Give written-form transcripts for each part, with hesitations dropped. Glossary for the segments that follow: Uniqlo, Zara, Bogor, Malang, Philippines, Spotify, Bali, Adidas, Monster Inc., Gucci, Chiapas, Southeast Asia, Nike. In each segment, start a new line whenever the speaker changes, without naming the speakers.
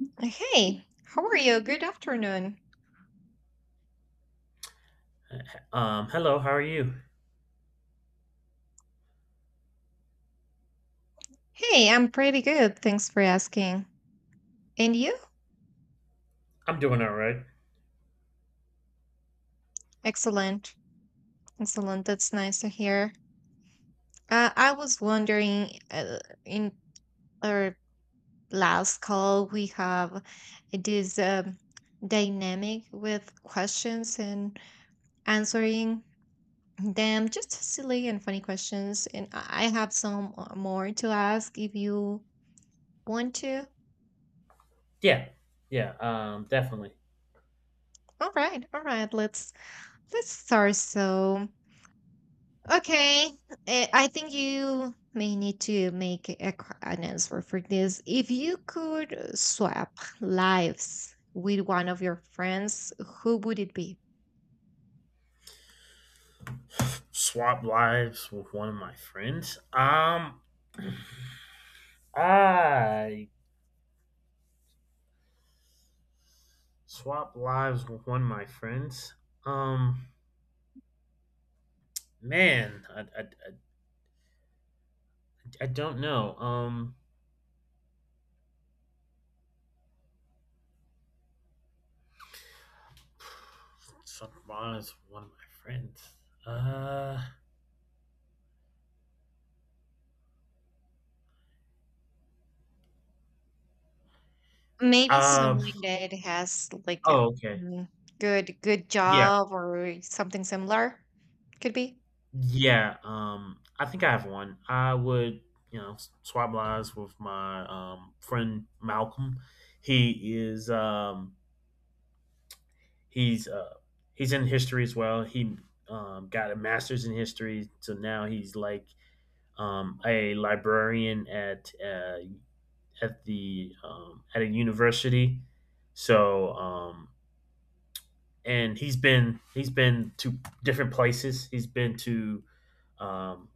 Hey, how are you? Good afternoon.
Hello, how are you?
Hey, I'm pretty good. Thanks for asking. And you?
I'm doing all right.
Excellent. Excellent. That's nice to hear. I was wondering, in our last call, we have this dynamic with questions and answering them, just silly and funny questions. And I have some more to ask if you want to.
Yeah, yeah, Definitely.
All right, all right. Let's start. So. Okay, I think you may need to make a, an answer for this. If you could swap lives with one of your friends, who would it be?
Swap lives with one of my friends. I swap lives with one of my friends. Um, man, I don't know. Swap lives with one of my friends. Uh,
Maybe
uh,
someone that has like
oh,
a
okay.
mm, good
Yeah,
job or something similar. Could be.
Yeah, I think I have one. I would, you know, s- swap lives with my friend Malcolm. He is, he's, uh, he's in history as well. He got a master's in history, so now he's like a librarian at the at a university. So, um, and he's been to different places. He's been to um,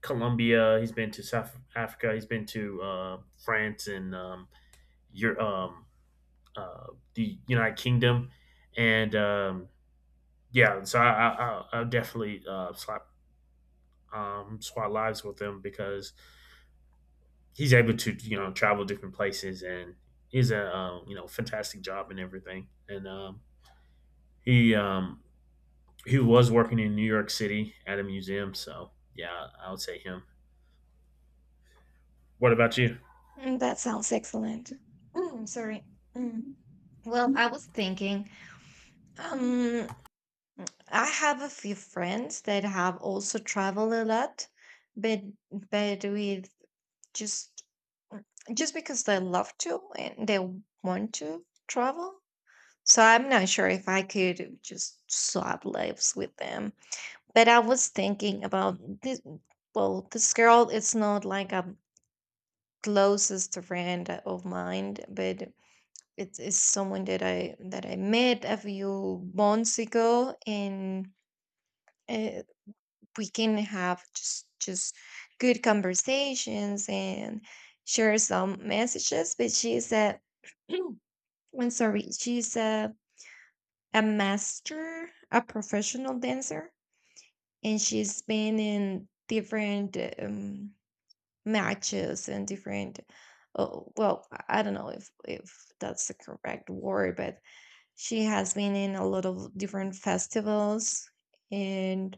Colombia. He's been to South Africa. He's been to France and your uh, the United Kingdom, and yeah. So I'll definitely swap swap lives with him because he's able to you know travel different places and he's a you know fantastic job and everything. And he um, he was working in New York City at a museum. So yeah, I would say him. What about you?
Mm, that sounds excellent. Mm, sorry. Mm. Well, I was thinking. um, I have a few friends that have also traveled a lot, but with just just because they love to and they want to travel. So I'm not sure if I could just swap lives with them. But I was thinking about this. Well, this girl is not like a closest friend of mine, but it is someone that I met a few months ago, and uh, we can have just good conversations and share some messages, but she's a I'm sorry, she's a master, a professional dancer, and she's been in different matches and different I don't know if that's the correct word, but she has been in a lot of different festivals and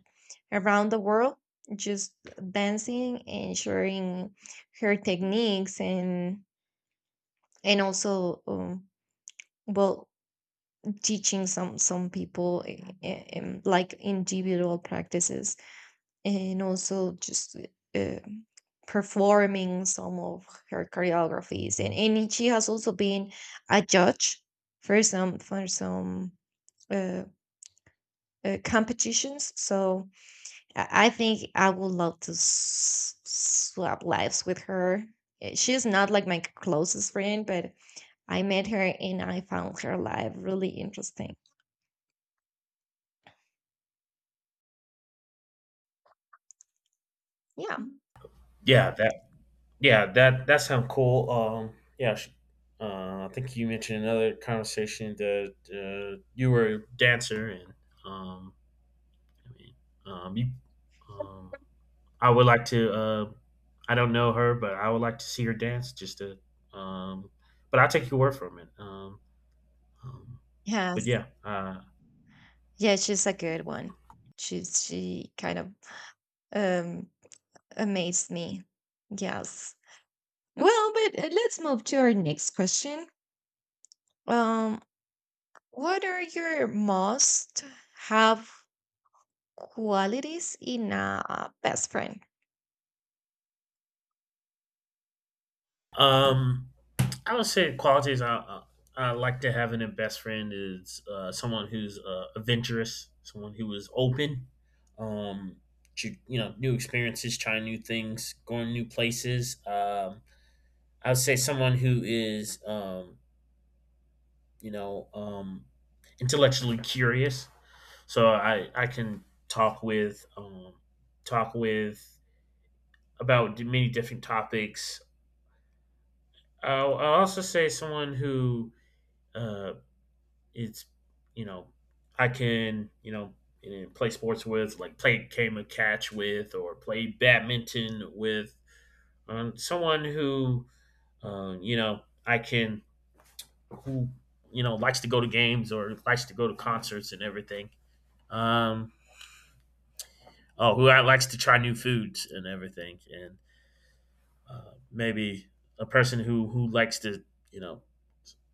around the world, just dancing and sharing her techniques, and also, well teaching some people like individual practices, and also just uh, performing some of her choreographies, and she has also been a judge for some Uh, competitions. So I think I would love to swap lives with her. She's not like my closest friend, but I met her and I found her life really interesting. Yeah.
Yeah, that Yeah, that sounds cool. Yeah, sh- I think you mentioned another conversation that you were a dancer, and um, I mean, um, you, um, I would like to. I don't know her, but I would like to see her dance. Um, but I'll take your word from it. Um, but
Yes.
yeah, uh,
Yeah, she's a good one. She's she kind of um amazed me. Yes. Well, but let's move to our next question. Um, what are your most have qualities in a best friend?
um, I would say qualities I like to have in a best friend is someone who's adventurous, someone who is open um, to you know new experiences, trying new things, going new places. I would say someone who is you know um, intellectually curious, so I can talk with about many different topics. I'll also say someone who. Uh, it's you know I can you know, play sports with, like play game of catch with, or play badminton with someone who you know I can who you know likes to go to games or likes to go to concerts and everything. Um, oh, who I likes to try new foods and everything, and maybe a person who likes to you know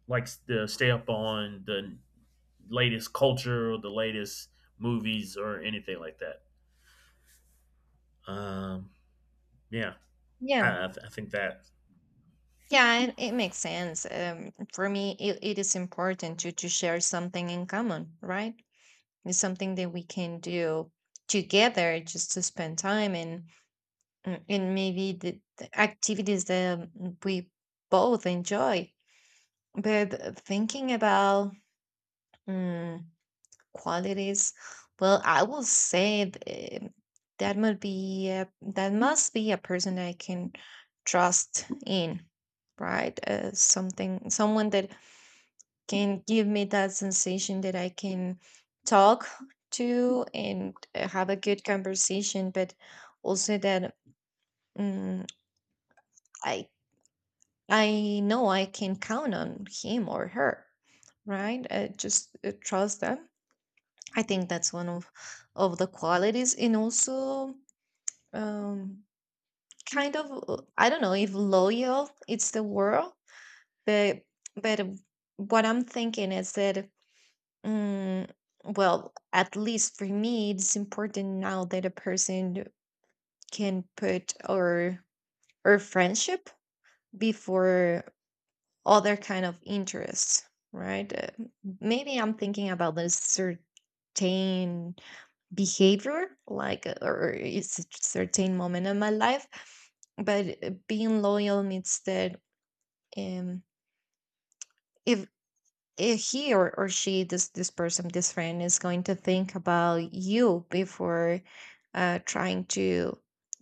likes to stay up on the latest culture or the latest movies or anything like that. Um, yeah,
Yeah,
I think that
yeah, it makes sense. For me, it is important to share something in common, right? It's something that we can do together, just to spend time and and maybe the activities that we both enjoy. But thinking about mm, qualities, well, I will say that must be a, that must be a person I can trust in, right? Something Someone that can give me that sensation that I can talk to, and have a good conversation, but also that mm i I know I can count on him or her, right? Just trust them. I think that's one of the qualities, and also, um, kind of, I don't know if loyal it's the word, but but uh, what I'm thinking is that, um, well, at least for me, it's important now that a person can put or friendship before other kind of interests, right? Maybe I'm thinking about this certain behavior like or it's a certain moment of my life, but being loyal means that um if he or she, this person, this friend, is going to think about you before trying to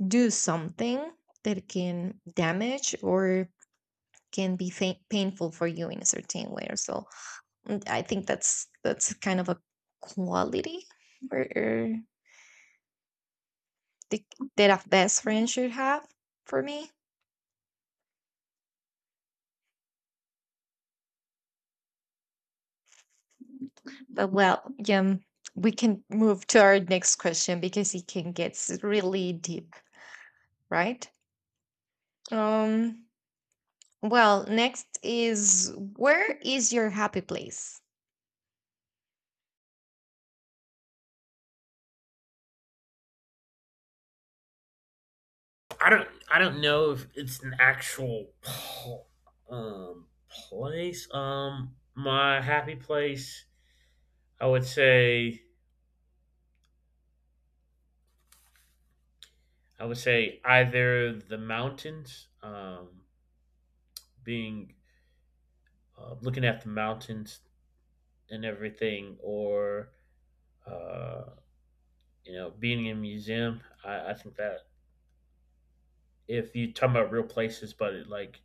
do something that can damage or can be painful for you in a certain way or so. Mm, I think that's kind of a quality or the, that a best friend should have for me. But well, we can move to our next question because it can get really deep, right? Um, well, next is, where is your happy place?
I don't know if it's an actual place. My happy place, I would say I would say either the mountains, being looking at the mountains and everything, or uh, you know being in a museum. I think that if you're talking about real places, but it, like,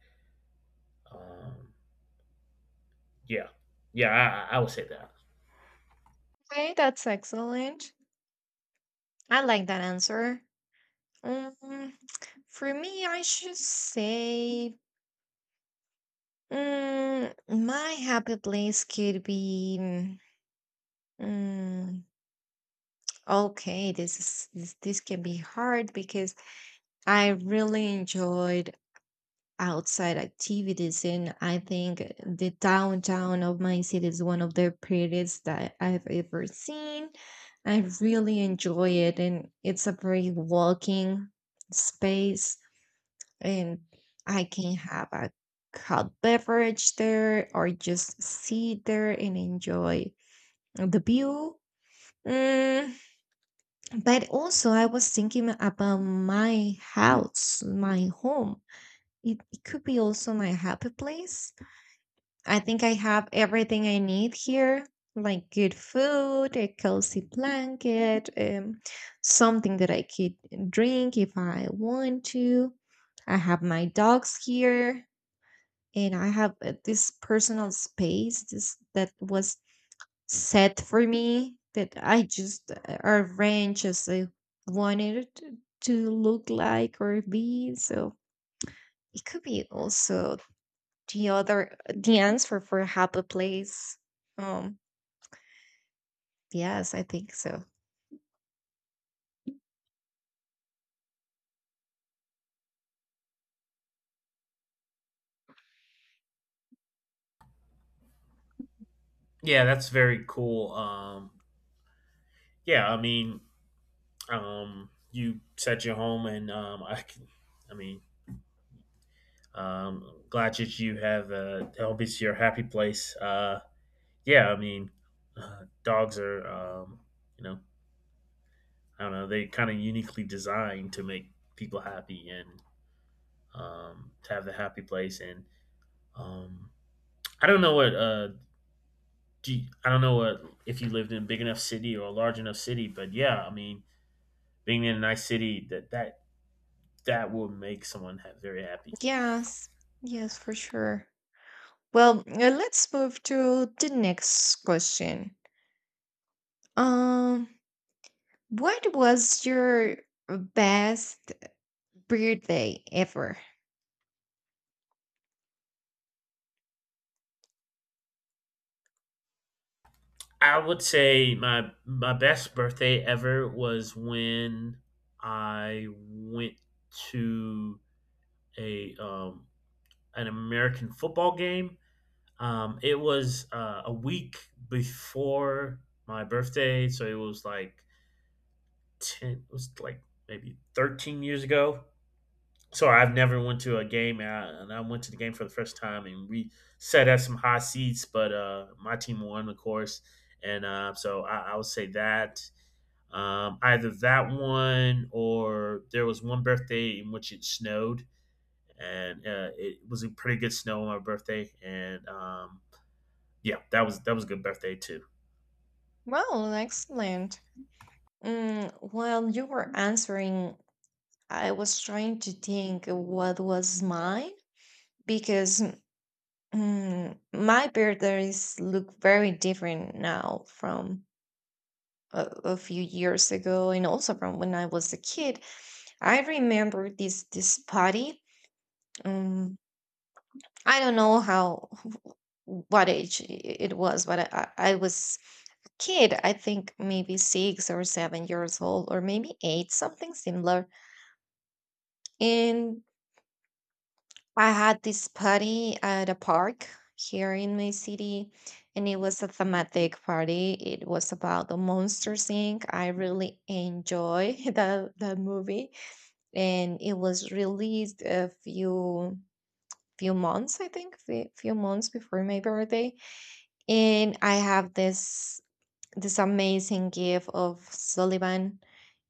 um, yeah, would say that.
Okay, that's excellent. I like that answer. Um, for me, I should say, my happy place could be. mm, okay, this is this, this can be hard because I really enjoyed outside activities, and I think the downtown of my city is one of the prettiest that I've ever seen. I really enjoy it, and it's a very walking space, and I can have a hot beverage there or just sit there and enjoy the view. Mm, but also, I was thinking about my house, my home. It could be also my happy place. I think I have everything I need here, like good food, a cozy blanket, something that I could drink if I want to. I have my dogs here, and I have this personal space, that was set for me, that I just arranged as I wanted it to look like or be. So it could be also the answer for happy place. Um, yes, I think so.
Yeah, that's very cool. Yeah, I mean, you set your home, and I can, I mean, glad that you have the home is your happy place. Yeah, I mean, dogs are, you know, I don't know, they kind of uniquely designed to make people happy and to have the happy place. And um, I don't know what, I don't know what if you lived in a big enough city or a large enough city, but yeah, I mean, being in a nice city that will make someone ha- very happy.
Yes, yes, for sure. Well, let's move to the next question. Um, what was your best birthday ever?
I would say my my best birthday ever was when I went to a an American football game. It was a week before my birthday, so it was like ten. It was like maybe 13 years ago. So I've never went to a game, and I went to the game for the first time, and we sat at some high seats, but my team won, of course, and so I would say that either that one or there was one birthday in which it snowed and it was a pretty good snow on my birthday. And yeah, that was a good birthday too.
Well, excellent. Mm, while you were answering, I was trying to think what was mine, because mm, my birthdays look very different now from a few years ago, and also from when I was a kid. I remember this party. Um, I don't know how what age it was, but I, I was kid, I think maybe 6 or 7 years old, or maybe eight, something similar. And I had this party at a park here in my city, and it was a thematic party. It was about the Monster Inc. I really enjoy the movie, and it was released a few months, I think, few months before my birthday. And I have this amazing gift of Sullivan,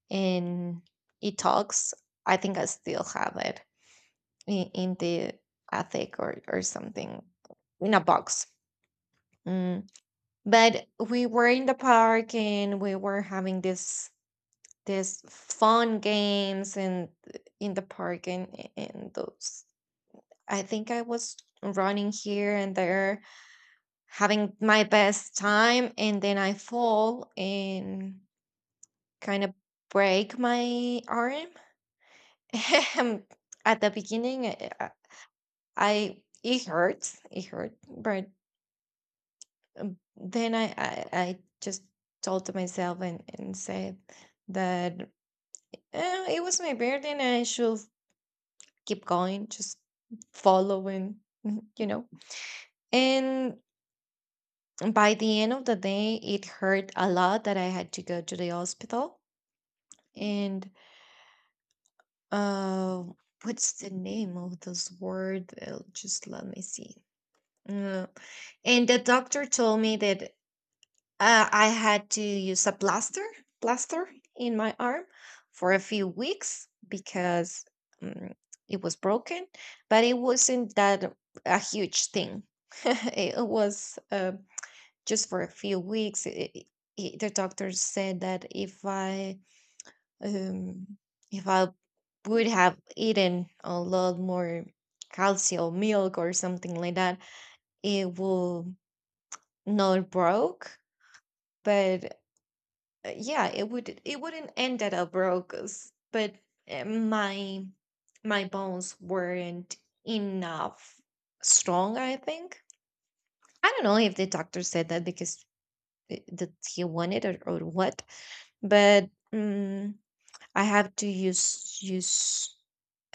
and it talks. I think I still have it in the attic, or something in a box. Mm. But we were in the park and we were having this fun games and in the park and those. I think I was running here and there, having my best time, and then I fall and kind of break my arm. At the beginning, I, it hurts, it hurt, but then I, I just told to myself, and said that, it was my birthday and I should keep going, just following, you know. And by the end of the day, it hurt a lot that I had to go to the hospital. And uh, what's the name of this word? Just let me see. Uh, and the doctor told me that, I had to use a plaster in my arm for a few weeks, because um, it was broken, but it wasn't that a huge thing. It was just for a few weeks. The doctor said that if I, um, if I would have eaten a lot more calcium milk or something like that, it will not broke, but yeah, it would, it wouldn't end at a Broca's, but my my bones weren't enough strong, I think. I don't know if the doctor said that because that he wanted, or what, but I have to use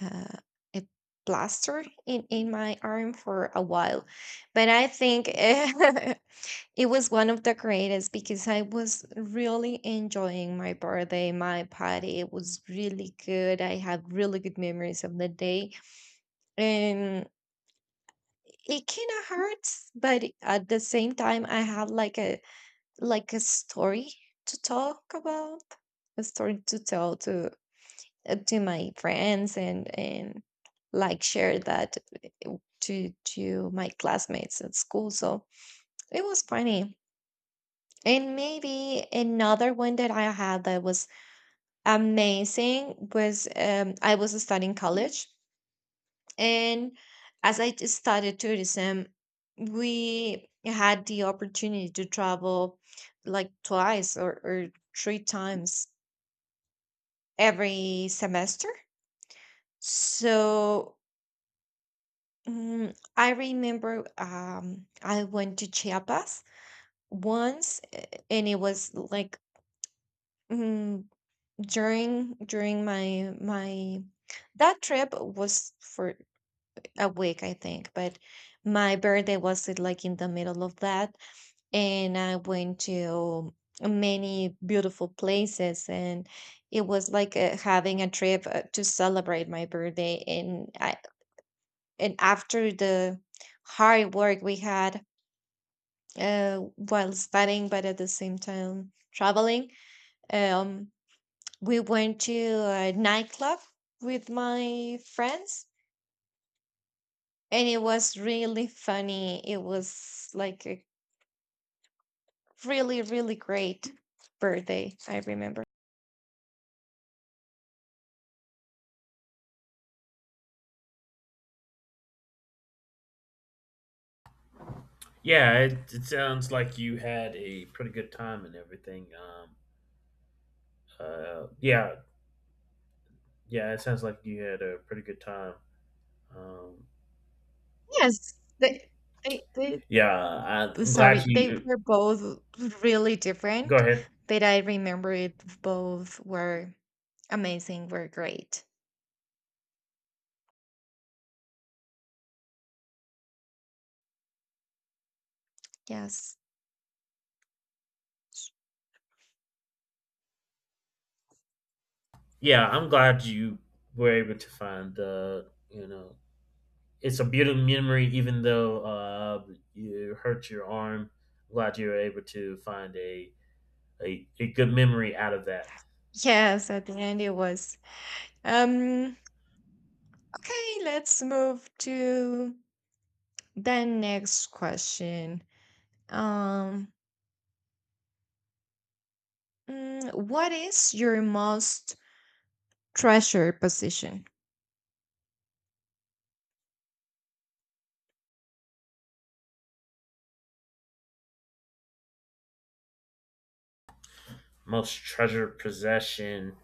uh, a plaster in my arm for a while. But I think it was one of the greatest, because I was really enjoying my birthday, my party. It was really good. I have really good memories of the day. And it kind of hurts, but at the same time I have like a story to talk about, a story to tell to my friends, and like share that to my classmates at school. So it was funny. And maybe another one that I had that was amazing was, I was studying college, and as I studied tourism, we had the opportunity to travel like twice, or three times every semester. So, I remember I went to Chiapas once, and it was like, mm, during my that trip was for a week, I think, but my birthday was it like in the middle of that, and I went to many beautiful places, and it was like, having a trip to celebrate my birthday, and I, and after the hard work we had while studying but at the same time traveling, um we went to a nightclub with my friends, and it was really funny. It was like a really, really great birthday, I remember.
Yeah, it sounds like you had a pretty good time and everything. Uh, yeah, yeah, it sounds like you had a pretty good time. Um,
Yes, they, they, they,
yeah, I'm
sorry,
glad
they
you.
were both really
Go
different,
ahead.
but I remember it both were amazing, were great. Yes.
Yeah, I'm glad you were able to find the. You know, it's a beautiful memory, even though you hurt your arm. Glad you were able to find a good memory out of that.
Yes, at the end it was. Um, okay, let's move to the next question. Um, what is your most treasured position?
Most treasured possession,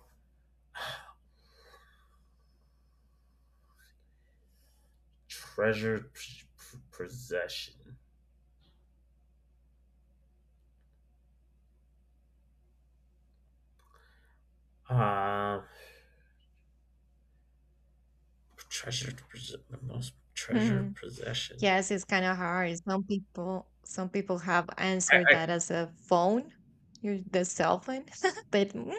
treasured p- possession. Um, treasured Most
Hmm.
treasured possession.
Yes, it's kind of hard. Some people have answered
I,
that as a phone, your the cell phone. but mm,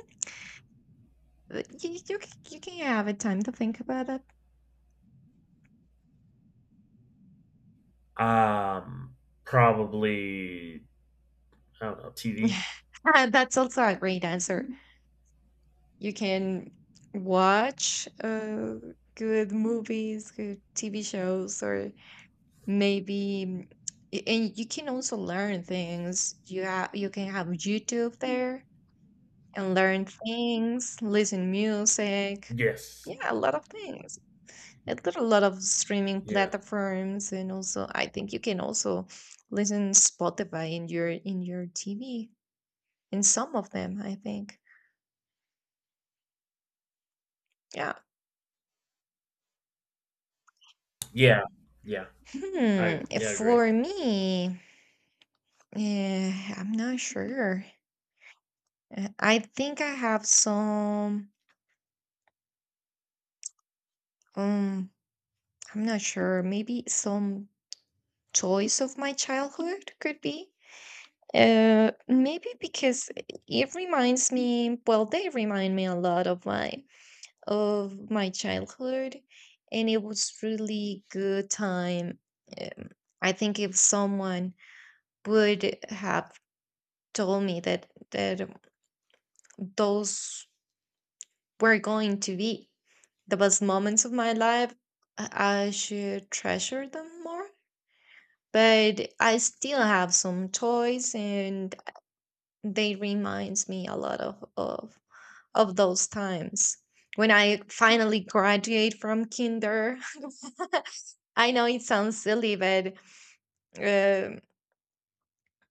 but you can have a time to think about that.
I, um, Probably I don't know TV.
That's also a great answer. You can watch good movies, good TV shows, or maybe mm, and you can also learn things you can have youtube there and learn things, listen music,
Yes.
yeah, a lot of things. And there are a lot of streaming
Yeah.
platforms, and also I think you can also listen spotify in your tv, in some of them I think, yeah.
Yeah. Yeah.
Hmm.
I yeah I agree.
For me, I'm not sure. I think I have some, um i'm not sure. Maybe some toys of my childhood could be. Maybe because it reminds me, well, they remind me a lot of my, of my childhood, and it was really good time. Um, I think if someone would have told me that those were going to be the best moments of my life, I should treasure them more. But I still have some toys, and they reminds me a lot of those times when I finally graduate from kinder. I know it sounds silly, um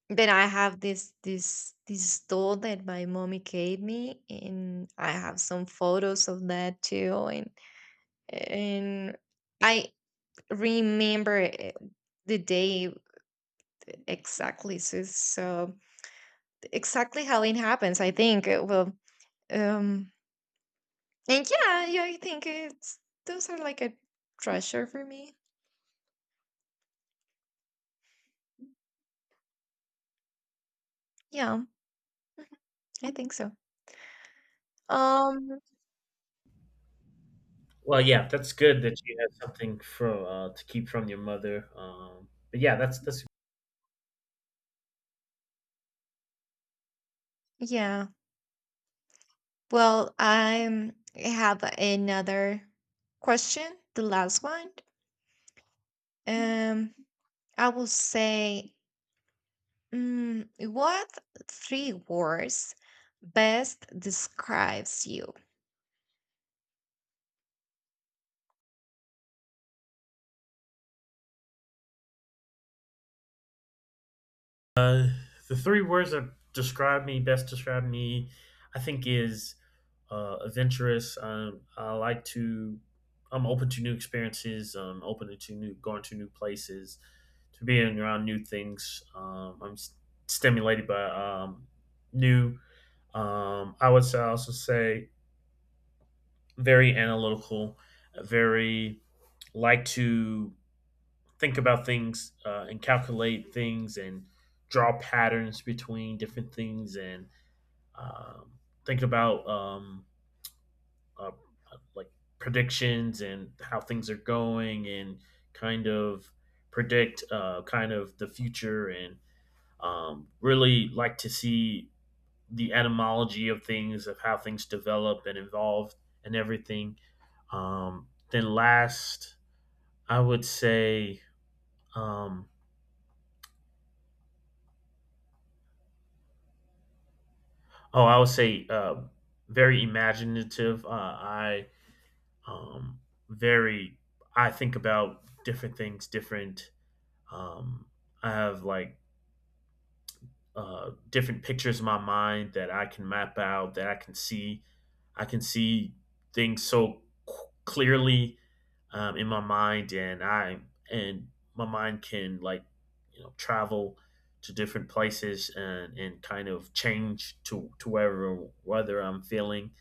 but I have this doll that my mommy gave me, and I have some photos of that too, and I remember it- the day exactly. So exactly how it happens I think. Um and yeah, I think it's, those are like a treasure for me, yeah, I think so. um
Well, yeah, that's good that you had something for to keep from your mother. But yeah, that's
yeah, I have another question, the last one. um I will say, what three words best describes you?
Uh, the three words that describe me I think, is adventurous. I like to. I'm open to new experiences. Open to new going to new places, to being around new things. I'm stimulated by new. I would say, also say very analytical, very like to think about things and calculate things and draw patterns between different things and um, think about uh, like predictions and how things are going and kind of predict kind of the future and really like to see the etymology of things of how things develop and evolve and everything . Then last I would say um, Oh, I would say very imaginative. I um, very I think about different things, different. Um, I have like different pictures in my mind that I can map out, that I can see. I can see things so c- clearly in my mind, and I and my mind can like you know travel to different places and kind of change to wherever whether I'm feeling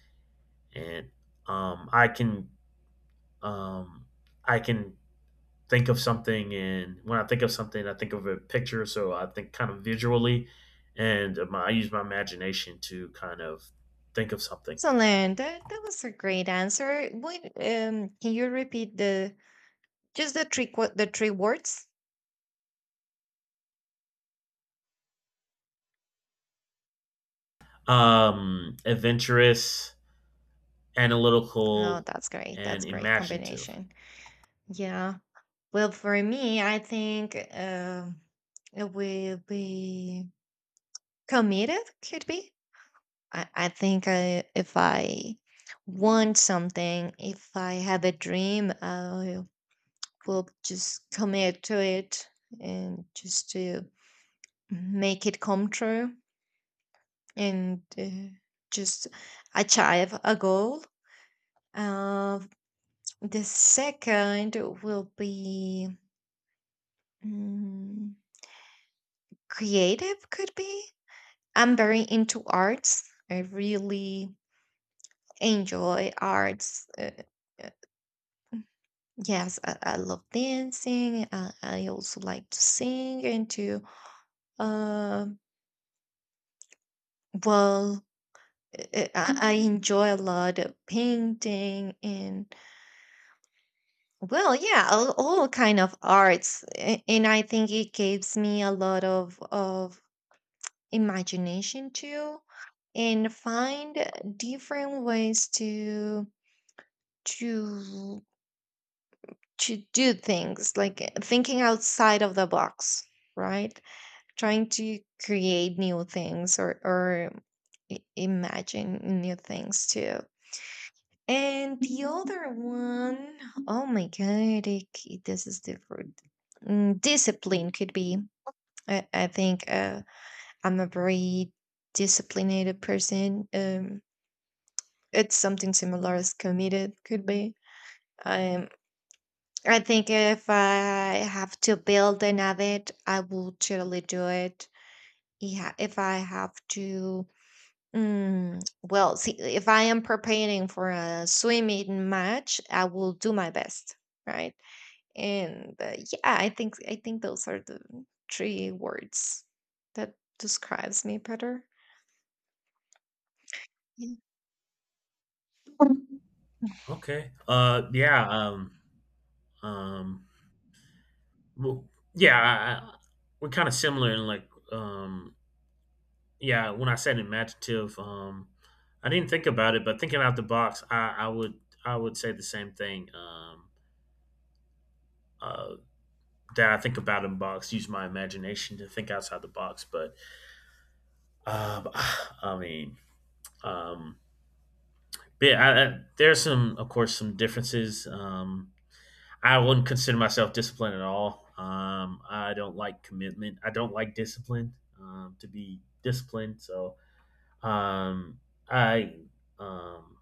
and um, I can um, I can think of something, and when I think of something, I think of a picture. So I think kind of visually, and I use my imagination to kind of think of something.
Excellent. That was a great answer. Would can you repeat the, just the the three words?
Adventurous,
Oh,
analytical,
that's great.
and
That's great
imaginative.
combination. Yeah. Well, for me, I think it will be committed. Could be. I think I, if I want something, if I have a dream, I will just commit to it, and just to make it come true, and just achieve a goal. Uh, the second will be, mm, creative, could be. I'm very into arts. I really enjoy arts. Uh, Yes, I love dancing. I also like to sing, and to um well, I enjoy a lot of painting, and well, yeah, all kind of arts, and I think it gives me a lot of imagination too, and find different ways to to do things, like thinking outside of the box, right? Trying to create new things, or imagine new things too. And the other one, oh my god, this is different. Discipline could be. I think i'm a very disciplined person. It's something similar as committed could be. Um, I think if I have to build an habit, I will totally do it. Yeah, if I have to, well, see, if I am preparing for a swimming match, I will do my best, right? And yeah, I think those are the three words that describes me better. Yeah.
Okay. Yeah. Um, well, yeah. We're kind of similar in like yeah, when I said imaginative, I didn't think about it, but thinking out the box, I would say the same thing. Uh, that I think about in box, use my imagination to think outside the box. But um, I mean, um, but yeah, I, there's some, of course, some differences. I wouldn't consider myself disciplined at all. I don't like commitment. I don't like discipline. To be disciplined, so um, I um,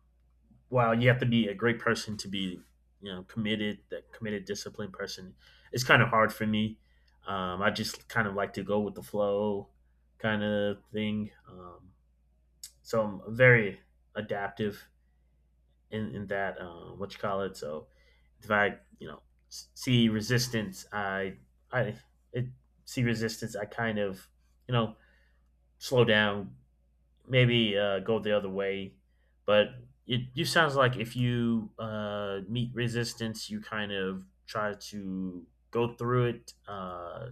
wow, you have to be a great person to be, you know, committed, that committed, disciplined person. It's kind of hard for me. I just kind of like to go with the flow kind of thing. So I'm very adaptive in that, what you call it. So if I, you know, see resistance, I it, see resistance, I kind of, you know, slow down, maybe go the other way. But it you sounds like if you meet resistance, you kind of try to go through it,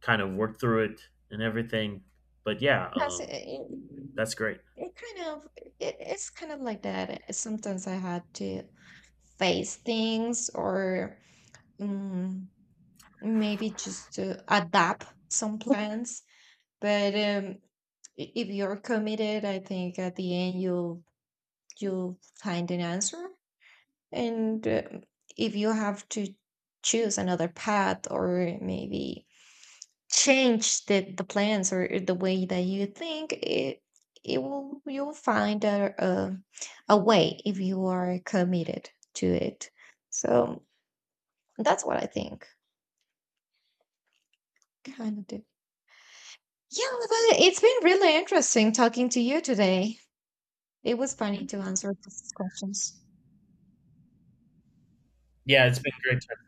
kind of work through it, and everything. But yeah,
Because it, it,
that's great.
it kind of it's kind of like that. Sometimes I had to face things, or mm, maybe just to adapt some plans. But if you're committed, I think at the end you'll find an answer. And if you have to choose another path, or maybe change the plans or the way that you think, it will you'll find a a way if you are committed to it. So that's what I think. Kind of. Do. Yeah, but it's been really interesting talking to you today. It was funny to answer these questions.
Yeah, it's been great. Talk-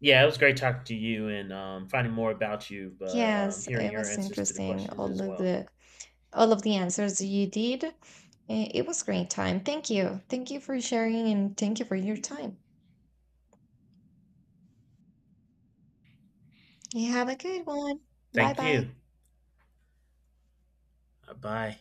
yeah, it was great talking to you and finding more about you, but
Yes,
hearing
it
your
was
answers to the
interesting.
questions as
All of
well.
the, all of the answers you did. It was great time. Thank you. Thank you for sharing, and thank you for your time. You have a good one. Bye
Thank
bye.
you. Bye.